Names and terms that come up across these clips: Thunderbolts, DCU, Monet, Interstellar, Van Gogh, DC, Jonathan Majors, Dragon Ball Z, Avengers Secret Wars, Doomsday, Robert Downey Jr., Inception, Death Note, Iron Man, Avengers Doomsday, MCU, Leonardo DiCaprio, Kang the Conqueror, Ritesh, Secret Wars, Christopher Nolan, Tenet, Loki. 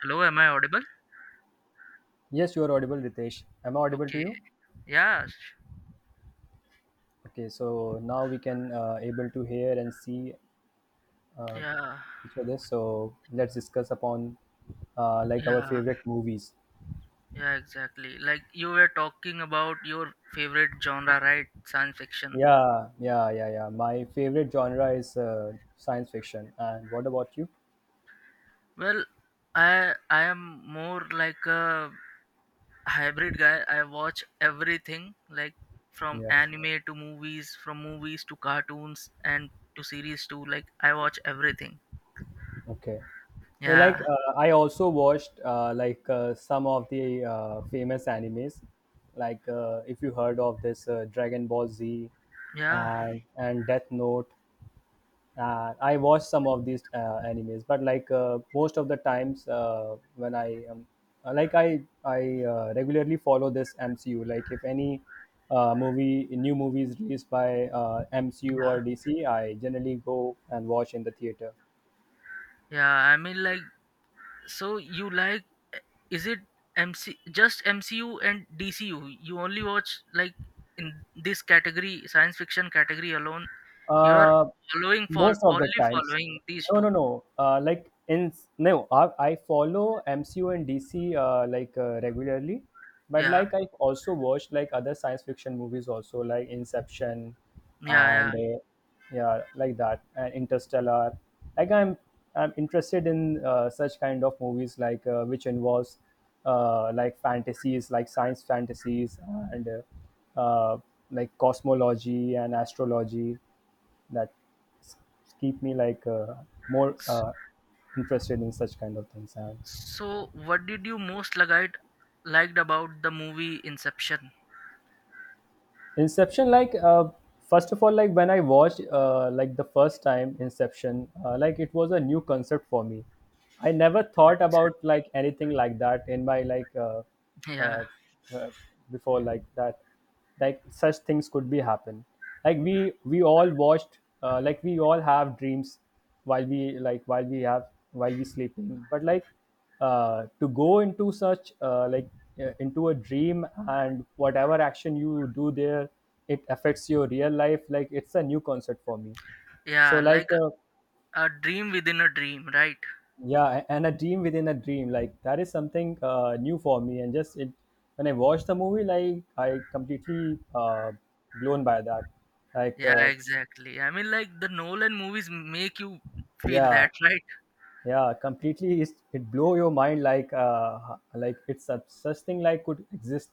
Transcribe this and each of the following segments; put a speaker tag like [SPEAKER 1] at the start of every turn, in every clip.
[SPEAKER 1] Hello, am I audible?
[SPEAKER 2] Yes, you are audible, Ritesh. Am I audible to
[SPEAKER 1] Okay.
[SPEAKER 2] you?
[SPEAKER 1] Yeah. sh-
[SPEAKER 2] Okay, so now we can able to hear and see uh,
[SPEAKER 1] Yeah.
[SPEAKER 2] each other. So let's discuss upon like our
[SPEAKER 1] Yeah.
[SPEAKER 2] favorite movies.
[SPEAKER 1] Yeah, exactly. Like you were talking about your favorite genre, right? Science fiction.
[SPEAKER 2] Yeah. My favorite genre is science fiction. And what about you?
[SPEAKER 1] Well, I am more like a hybrid guy. I watch everything, like from
[SPEAKER 2] Yes.
[SPEAKER 1] anime to movies, from movies to cartoons and to series too. Like I watch everything.
[SPEAKER 2] Okay. So, like
[SPEAKER 1] Yeah.
[SPEAKER 2] I also watched some of the famous animes, like if you heard of this Dragon Ball Z
[SPEAKER 1] Yeah.
[SPEAKER 2] and Death Note. I watch some of these animes, but like most of the times when I like I regularly follow this MCU. Like if any movie new movie is released by MCU
[SPEAKER 1] Yeah.
[SPEAKER 2] or DC, I generally go and watch in the theater.
[SPEAKER 1] Yeah. So you like is it MC just MCU and DCU? You only watch like in this category, science fiction category alone. You are
[SPEAKER 2] Uh,
[SPEAKER 1] following for
[SPEAKER 2] Most of the
[SPEAKER 1] only
[SPEAKER 2] times.
[SPEAKER 1] following these
[SPEAKER 2] No, no,
[SPEAKER 1] two.
[SPEAKER 2] no. Like in no, I follow MCU and DC regularly, but
[SPEAKER 1] Yeah,
[SPEAKER 2] like I've also watched like other science fiction movies also, like Inception
[SPEAKER 1] yeah,
[SPEAKER 2] and
[SPEAKER 1] yeah.
[SPEAKER 2] yeah, like that, and Interstellar. Like I'm interested in such kind of movies, like which involves like fantasies, like science fantasies, and like cosmology and astrology. that s- Keep me like more
[SPEAKER 1] S-
[SPEAKER 2] interested in such kind of things. And
[SPEAKER 1] So, what did you most liked liked about the movie Inception?
[SPEAKER 2] Inception, like first of all, like when I watched like the first time Inception, like it was a new concept for me. I never thought about like anything like that in my
[SPEAKER 1] Yeah,
[SPEAKER 2] uh, uh, before like that, like such things could be happen. Like we all watched, like we all have dreams while we like while we have while we sleeping, but like to go into such into a dream, and whatever action you do there, it affects your real life. Like, it's a new concept for me. So
[SPEAKER 1] yeah,
[SPEAKER 2] like
[SPEAKER 1] like a dream within a dream, right?
[SPEAKER 2] yeah, and a dream within a dream, like that is something new for me. And just it, when I watched the movie, like I completely blown by that. Like
[SPEAKER 1] Yeah, exactly. I mean, like the Nolan movies make you feel
[SPEAKER 2] yeah,
[SPEAKER 1] that, right?
[SPEAKER 2] yeah, completely. It's, it blow your mind. Like it's a, such thing like could exist.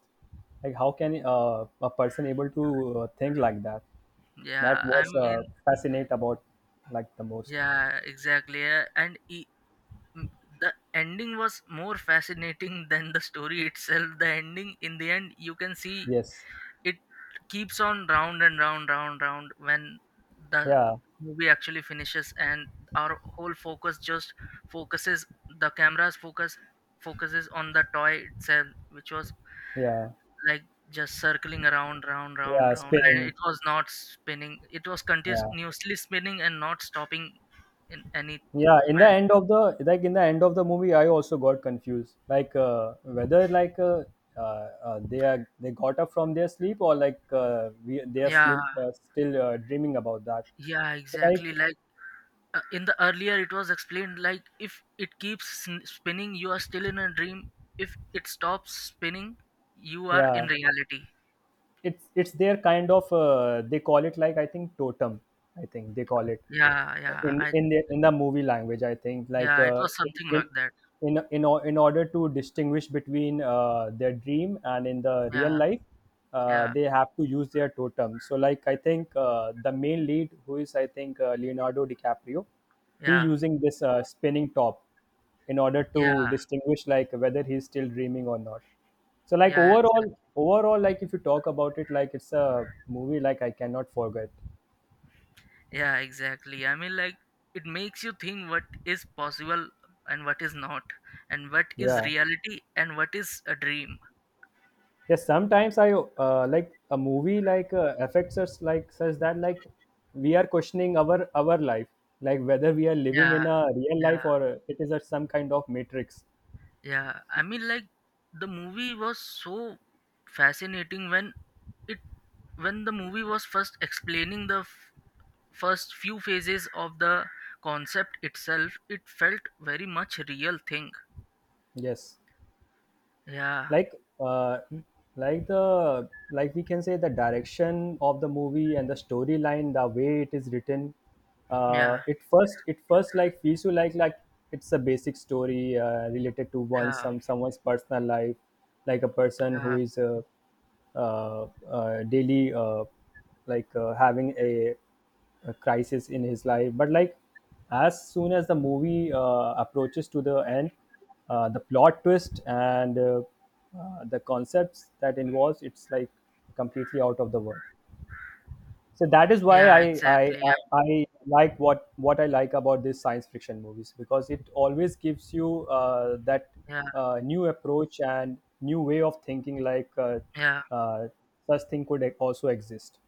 [SPEAKER 2] Like how can a person able to think like that? That
[SPEAKER 1] Yeah, I
[SPEAKER 2] was
[SPEAKER 1] mean,
[SPEAKER 2] fascinate about like the most.
[SPEAKER 1] Yeah, exactly. And m- the ending was more fascinating than the story itself. The ending, in the end, you can see
[SPEAKER 2] Yes.
[SPEAKER 1] it keeps on round and round, round, round when the
[SPEAKER 2] Yeah,
[SPEAKER 1] movie actually finishes, and our whole focus just focuses the camera's focus focuses on the toy itself, which was
[SPEAKER 2] yeah.
[SPEAKER 1] like just circling around, round, round,
[SPEAKER 2] Yeah,
[SPEAKER 1] round, and
[SPEAKER 2] spinning.
[SPEAKER 1] it was not spinning. It was
[SPEAKER 2] Yeah,
[SPEAKER 1] continuously spinning and not stopping in any.
[SPEAKER 2] yeah, in the end of the, like in the end of the movie, I also got confused, like whether like they are, they got up from their sleep, or like we, they are
[SPEAKER 1] Yeah,
[SPEAKER 2] slim, still dreaming about that.
[SPEAKER 1] yeah,
[SPEAKER 2] So like
[SPEAKER 1] exactly. Like in the earlier, it was explained like if it keeps spinning, you are still in a dream. If it stops spinning, you are in
[SPEAKER 2] yeah,
[SPEAKER 1] reality.
[SPEAKER 2] it's their kind of they call it, like I think totem, I think they call it.
[SPEAKER 1] Yeah, yeah,
[SPEAKER 2] in
[SPEAKER 1] I
[SPEAKER 2] in the in the movie language, I think like
[SPEAKER 1] yeah, it was something
[SPEAKER 2] in
[SPEAKER 1] like that.
[SPEAKER 2] in order to distinguish between their dream and in the real
[SPEAKER 1] Yeah,
[SPEAKER 2] life,
[SPEAKER 1] yeah,
[SPEAKER 2] they have to use their totem. So like I think the main lead, who is I think Leonardo DiCaprio, he
[SPEAKER 1] yeah,
[SPEAKER 2] using this spinning top in order to
[SPEAKER 1] yeah,
[SPEAKER 2] distinguish like whether he's still dreaming or not. So like
[SPEAKER 1] yeah,
[SPEAKER 2] overall
[SPEAKER 1] exactly.
[SPEAKER 2] overall like if you talk about it, like it's a movie like I cannot forget.
[SPEAKER 1] Yeah, exactly. I mean, like it makes you think what is possible and what is not, and what is
[SPEAKER 2] Yeah.
[SPEAKER 1] reality and what is a dream.
[SPEAKER 2] Yes, sometimes I like a movie like affects us like such that like we are questioning our life, like whether we are living
[SPEAKER 1] Yeah,
[SPEAKER 2] in a real
[SPEAKER 1] yeah,
[SPEAKER 2] life, or it is a, some kind of matrix.
[SPEAKER 1] yeah. I mean like the movie was so fascinating it when the movie was first explaining the first few phases of the concept itself, it felt very much real thing.
[SPEAKER 2] Yes.
[SPEAKER 1] Yeah,
[SPEAKER 2] Like uh, like the like we can say the direction of the movie and the storyline, the way it is written,
[SPEAKER 1] yeah,
[SPEAKER 2] it first like feels you like it's a basic story related to one
[SPEAKER 1] yeah,
[SPEAKER 2] someone's personal life. Like a person who
[SPEAKER 1] yeah,
[SPEAKER 2] is daily having a crisis in his life, but like as soon as the movie approaches to the end, the plot twist and the concepts that involves, it's like completely out of the world. So that is why
[SPEAKER 1] yeah,
[SPEAKER 2] I, I
[SPEAKER 1] exactly. Yeah,
[SPEAKER 2] I I like what I like about these science fiction movies, because it always gives you that
[SPEAKER 1] yeah,
[SPEAKER 2] new approach and new way of thinking. Like
[SPEAKER 1] yeah,
[SPEAKER 2] uh, such thing could also exist.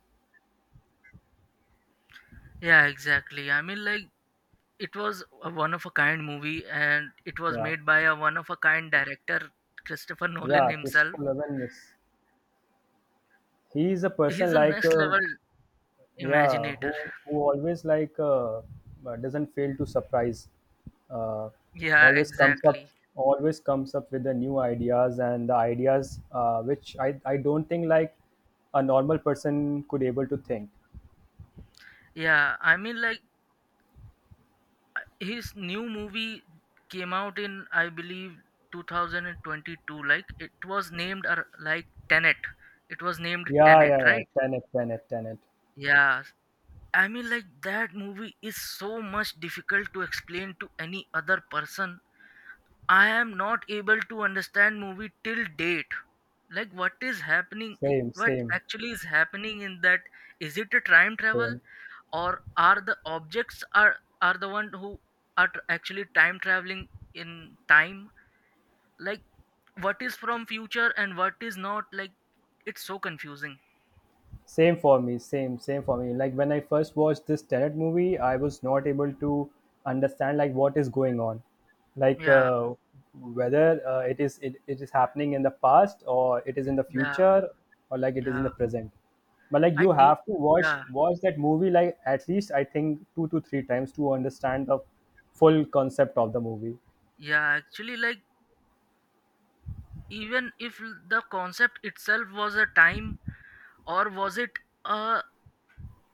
[SPEAKER 1] yeah, exactly. I mean like it was a one of a kind movie and it was
[SPEAKER 2] Yeah,
[SPEAKER 1] made by a one of a kind director, Christopher Nolan
[SPEAKER 2] yeah.
[SPEAKER 1] himself.
[SPEAKER 2] Christopher Nolan is, he is a person
[SPEAKER 1] He's a
[SPEAKER 2] like
[SPEAKER 1] next level
[SPEAKER 2] yeah, who
[SPEAKER 1] imaginator.
[SPEAKER 2] who always like doesn't fail to surprise. uh,
[SPEAKER 1] Yeah,
[SPEAKER 2] always comes up
[SPEAKER 1] exactly.
[SPEAKER 2] always comes up with the new ideas, and the ideas which I don't think like a normal person could able to think.
[SPEAKER 1] Yeah, I mean, like his new movie came out in, I believe, 2022. Like it was named like Tenet. It was named
[SPEAKER 2] Yeah,
[SPEAKER 1] Tenet,
[SPEAKER 2] yeah, yeah,
[SPEAKER 1] right?
[SPEAKER 2] Tenet, tenet.
[SPEAKER 1] Yeah. I mean, like that movie is so much difficult to explain to any other person. I am not able to understand movie till date. Like what is happening?
[SPEAKER 2] Same,
[SPEAKER 1] What
[SPEAKER 2] same.
[SPEAKER 1] actually is happening in that? Is it a time travel?
[SPEAKER 2] Same
[SPEAKER 1] Or are the objects are the one who are actually time traveling in time, like what is from future and what is not? Like it's so confusing.
[SPEAKER 2] Same for me, same for me. Like when I first watched this Tenet movie, I was not able to understand like what is going on, like
[SPEAKER 1] Yeah,
[SPEAKER 2] whether it is it, it is happening in the past, or it is in the
[SPEAKER 1] yeah,
[SPEAKER 2] future, or like it is in
[SPEAKER 1] yeah,
[SPEAKER 2] the present. But like
[SPEAKER 1] I
[SPEAKER 2] you
[SPEAKER 1] did.
[SPEAKER 2] have to watch
[SPEAKER 1] Yeah,
[SPEAKER 2] watch that movie like at least I think two to three times to understand the full concept of the movie.
[SPEAKER 1] yeah, actually, like even if the concept itself was a time, or was it a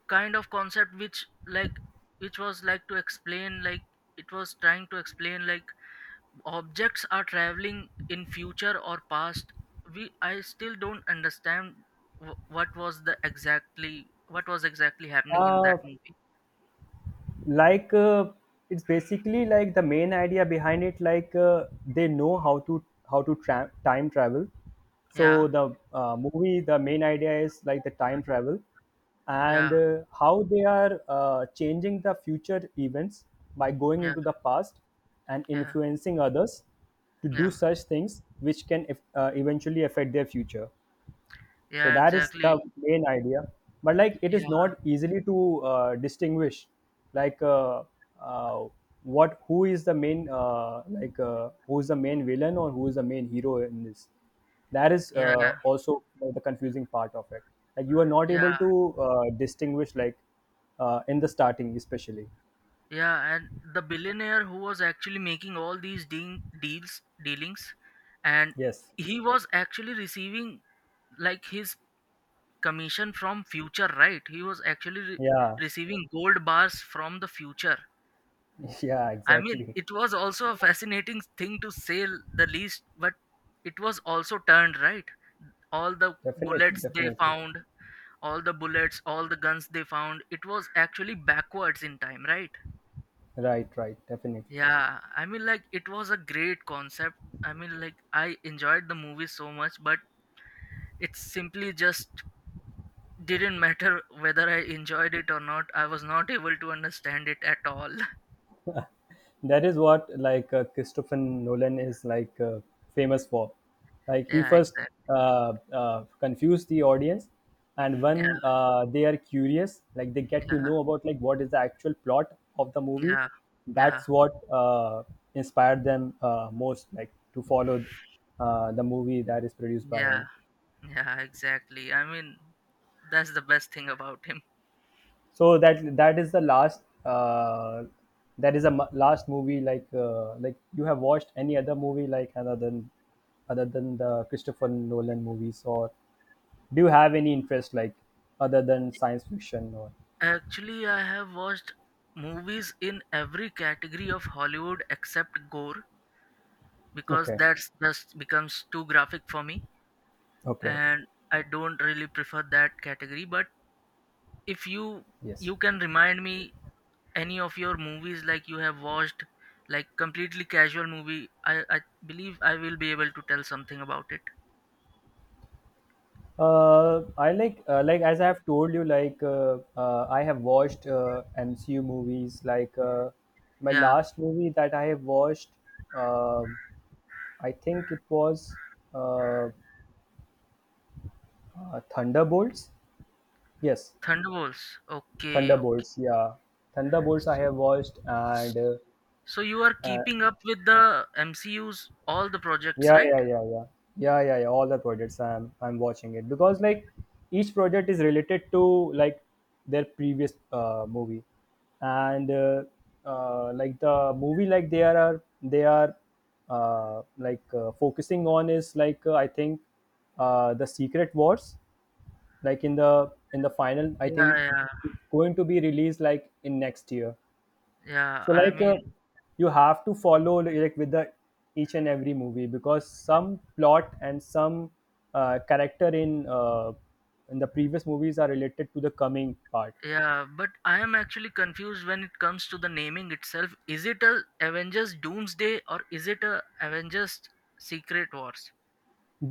[SPEAKER 1] kind of concept which like which was like to explain like it was trying to explain like objects are traveling in future or past, we, I still don't understand what was exactly happening in that
[SPEAKER 2] Uh,
[SPEAKER 1] movie.
[SPEAKER 2] like uh, it's basically like the main idea behind it, like they know how to, time travel. So
[SPEAKER 1] Yeah,
[SPEAKER 2] the movie the main idea is like the time travel, and
[SPEAKER 1] yeah,
[SPEAKER 2] how they are changing the future events by going
[SPEAKER 1] yeah,
[SPEAKER 2] into the past, and
[SPEAKER 1] yeah,
[SPEAKER 2] influencing others to do
[SPEAKER 1] yeah,
[SPEAKER 2] such things which can eventually affect their future. So
[SPEAKER 1] yeah,
[SPEAKER 2] that is the
[SPEAKER 1] exactly.
[SPEAKER 2] main idea. But like it is not
[SPEAKER 1] Yeah,
[SPEAKER 2] easily to distinguish, like uh, what who is the main who is the main villain, or who is the main hero in this. That is
[SPEAKER 1] yeah,
[SPEAKER 2] also the confusing part of it. Like you are not
[SPEAKER 1] yeah,
[SPEAKER 2] able to distinguish, like in the starting especially.
[SPEAKER 1] yeah. And the billionaire who was actually making all these deals, dealings, and
[SPEAKER 2] Yes.
[SPEAKER 1] he was actually receiving like his commission from future, right? He was actually
[SPEAKER 2] Yeah.
[SPEAKER 1] receiving gold bars from the future.
[SPEAKER 2] Yeah,
[SPEAKER 1] I mean,
[SPEAKER 2] exactly.
[SPEAKER 1] it was also a fascinating thing to say the least, but it was also turned, right? All the
[SPEAKER 2] Definitely,
[SPEAKER 1] bullets they
[SPEAKER 2] definitely.
[SPEAKER 1] found, all the bullets, all the guns they found, it was actually backwards in time, right?
[SPEAKER 2] Right, right, definitely.
[SPEAKER 1] Yeah, I mean like it was a great concept. I mean like I enjoyed the movie so much, but it's simply just didn't matter whether I enjoyed it or not. I was not able to understand it at all.
[SPEAKER 2] That is what like Christopher Nolan is like famous for. Like he
[SPEAKER 1] Yeah,
[SPEAKER 2] first
[SPEAKER 1] exactly.
[SPEAKER 2] confused the audience, and when
[SPEAKER 1] Yeah,
[SPEAKER 2] they are curious, like they get to
[SPEAKER 1] yeah,
[SPEAKER 2] know about like what is the actual plot of the movie.
[SPEAKER 1] yeah, yeah,
[SPEAKER 2] That's what inspired them most, like to follow the movie that is produced by
[SPEAKER 1] yeah,
[SPEAKER 2] him.
[SPEAKER 1] yeah, exactly. I mean, that's the best thing about him.
[SPEAKER 2] So that, that is the last that is the m- last movie. Like like you have watched any other movie like other than the Christopher Nolan movies, or do you have any interest like other than science fiction, or
[SPEAKER 1] Actually, I have watched movies in every category of Hollywood except gore, because
[SPEAKER 2] okay,
[SPEAKER 1] that's just becomes too graphic for me
[SPEAKER 2] okay, okay.
[SPEAKER 1] and I don't really prefer that category. But if you,
[SPEAKER 2] Yes,
[SPEAKER 1] you can remind me any of your movies like you have watched, like completely casual movie, I believe I will be able to tell something about it.
[SPEAKER 2] I like as I have told you, like I have watched MCU movies, like my
[SPEAKER 1] Yeah,
[SPEAKER 2] last movie that I have watched, um I think it was uh, uh, Thunderbolts. Yes,
[SPEAKER 1] Thunderbolts. Okay, okay.
[SPEAKER 2] Thunderbolts. Yeah, Thunderbolts. I
[SPEAKER 1] So,
[SPEAKER 2] have watched. And
[SPEAKER 1] so you are keeping up with the MCU's all the projects,
[SPEAKER 2] Yeah,
[SPEAKER 1] right?
[SPEAKER 2] yeah, yeah, yeah, yeah, yeah, yeah. All the projects I'm watching it, because like each project is related to like their previous movie. And Like the movie like they are focusing on is like I think the Secret Wars. Like in the, in the final, I
[SPEAKER 1] Yeah,
[SPEAKER 2] think
[SPEAKER 1] yeah,
[SPEAKER 2] it's going to be released like in next year.
[SPEAKER 1] yeah.
[SPEAKER 2] So
[SPEAKER 1] I
[SPEAKER 2] like
[SPEAKER 1] mean,
[SPEAKER 2] you have to follow like with the each and every movie, because some plot and some character in the previous movies are related to the coming part.
[SPEAKER 1] yeah. But I am actually confused when it comes to the naming itself. Is it a Avengers Doomsday or is it a Avengers Secret Wars?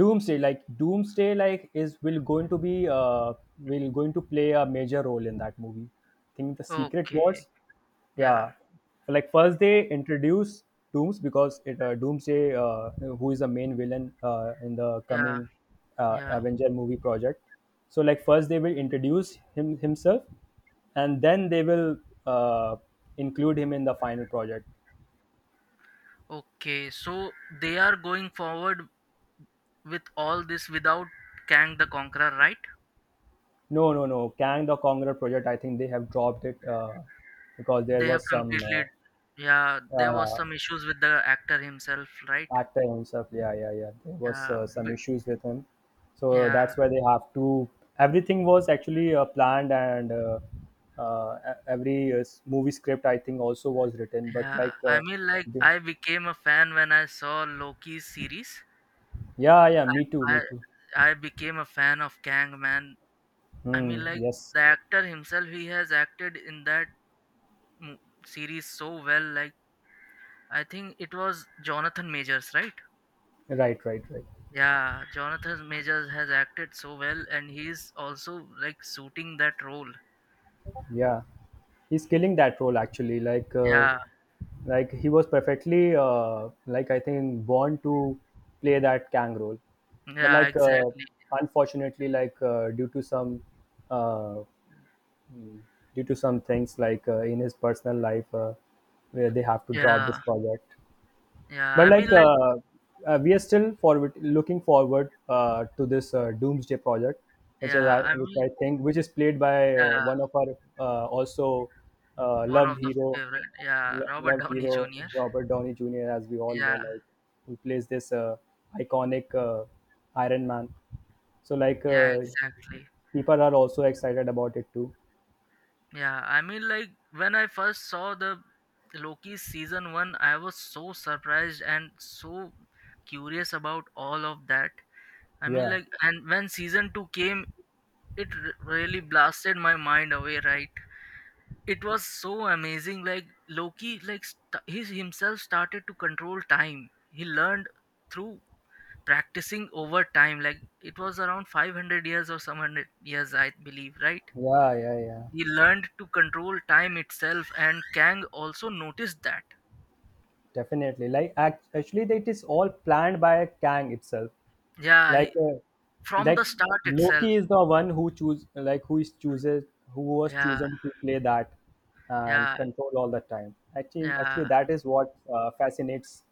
[SPEAKER 2] Doomsday, like Doomsday like is, will going to be will going to play a major role in that movie. I think the Secret Wars.
[SPEAKER 1] Okay. Yeah,
[SPEAKER 2] Yeah, like first they introduce dooms, because it Doomsday, who is the main villain in the
[SPEAKER 1] yeah,
[SPEAKER 2] coming
[SPEAKER 1] yeah.
[SPEAKER 2] Avenger movie project. So like first they will introduce him himself, and then they will uh, include him in the final project.
[SPEAKER 1] Okay, so they are going forward with all this without Kang the Conqueror, right?
[SPEAKER 2] No, no, no. Kang the Conqueror project, I think they have dropped it because there
[SPEAKER 1] They have
[SPEAKER 2] was some
[SPEAKER 1] completely, yeah. There was
[SPEAKER 2] uh,
[SPEAKER 1] some issues with the actor himself, right?
[SPEAKER 2] actor himself. Yeah, yeah, yeah. There was
[SPEAKER 1] Yeah,
[SPEAKER 2] some
[SPEAKER 1] b-
[SPEAKER 2] issues with him, so
[SPEAKER 1] yeah,
[SPEAKER 2] that's why they have to. Everything was actually planned, and every movie script I think also was written. But
[SPEAKER 1] yeah.
[SPEAKER 2] like,
[SPEAKER 1] I mean, like
[SPEAKER 2] the-
[SPEAKER 1] I became a fan when I saw Loki's series.
[SPEAKER 2] yeah, yeah. Me too, me
[SPEAKER 1] I,
[SPEAKER 2] too.
[SPEAKER 1] I became a fan of Kang, man. I
[SPEAKER 2] Hmm,
[SPEAKER 1] mean, like
[SPEAKER 2] yes.
[SPEAKER 1] the actor himself, he has acted in that mo- series so well. Like I think it was Jonathan Majors, right?
[SPEAKER 2] Right, right, right.
[SPEAKER 1] Yeah, Jonathan Majors has acted so well, and he's also like suiting that role.
[SPEAKER 2] Yeah, he's killing that role actually.
[SPEAKER 1] Yeah,
[SPEAKER 2] Like he was perfectly like I think born to play that Kang role. But
[SPEAKER 1] yeah,
[SPEAKER 2] like
[SPEAKER 1] exactly.
[SPEAKER 2] unfortunately, like due to some uh, mm, due to some things like in his personal life, where they have to drop
[SPEAKER 1] Yeah,
[SPEAKER 2] this project.
[SPEAKER 1] yeah.
[SPEAKER 2] But
[SPEAKER 1] I
[SPEAKER 2] like
[SPEAKER 1] mean, like,
[SPEAKER 2] we are still forward looking forward to this Doomsday project, which is
[SPEAKER 1] yeah,
[SPEAKER 2] I-
[SPEAKER 1] I
[SPEAKER 2] which
[SPEAKER 1] mean,
[SPEAKER 2] I think which is played by
[SPEAKER 1] yeah,
[SPEAKER 2] one of our also
[SPEAKER 1] one
[SPEAKER 2] loved
[SPEAKER 1] of the
[SPEAKER 2] hero,
[SPEAKER 1] favorite. Yeah, Robert
[SPEAKER 2] loved
[SPEAKER 1] Downey
[SPEAKER 2] hero
[SPEAKER 1] Jr.
[SPEAKER 2] Robert Downey Jr. As we all know,
[SPEAKER 1] Yeah,
[SPEAKER 2] like who plays this iconic Iron Man. So like
[SPEAKER 1] yeah, exactly.
[SPEAKER 2] people are also excited about it too.
[SPEAKER 1] Yeah, I mean, like, when I first saw the Loki season one, I was so surprised and so curious about all of that. I mean,
[SPEAKER 2] Yeah,
[SPEAKER 1] like, and when season two came, it really blasted my mind away, right? It was so amazing. Like Loki, like he himself started to control time. He learned through practicing over time. Like it was around 500 years or some hundred years, I believe, right?
[SPEAKER 2] yeah, yeah, yeah.
[SPEAKER 1] He learned to control time itself and Kang also noticed that.
[SPEAKER 2] Definitely. Like actually, that is all planned by Kang itself.
[SPEAKER 1] Yeah,
[SPEAKER 2] Like
[SPEAKER 1] he, from
[SPEAKER 2] like
[SPEAKER 1] the start
[SPEAKER 2] Loki
[SPEAKER 1] itself.
[SPEAKER 2] is the one who choose, like who is chooses who was
[SPEAKER 1] Yeah,
[SPEAKER 2] chosen to play that and
[SPEAKER 1] yeah,
[SPEAKER 2] control all the time. Actually, actually,
[SPEAKER 1] yeah,
[SPEAKER 2] that is what fascinates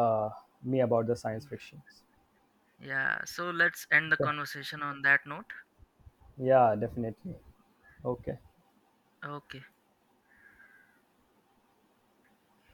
[SPEAKER 2] uh, me about the science fictions.
[SPEAKER 1] yeah. So let's end the
[SPEAKER 2] Okay.
[SPEAKER 1] conversation on that note.
[SPEAKER 2] Yeah, definitely. Okay.
[SPEAKER 1] Okay.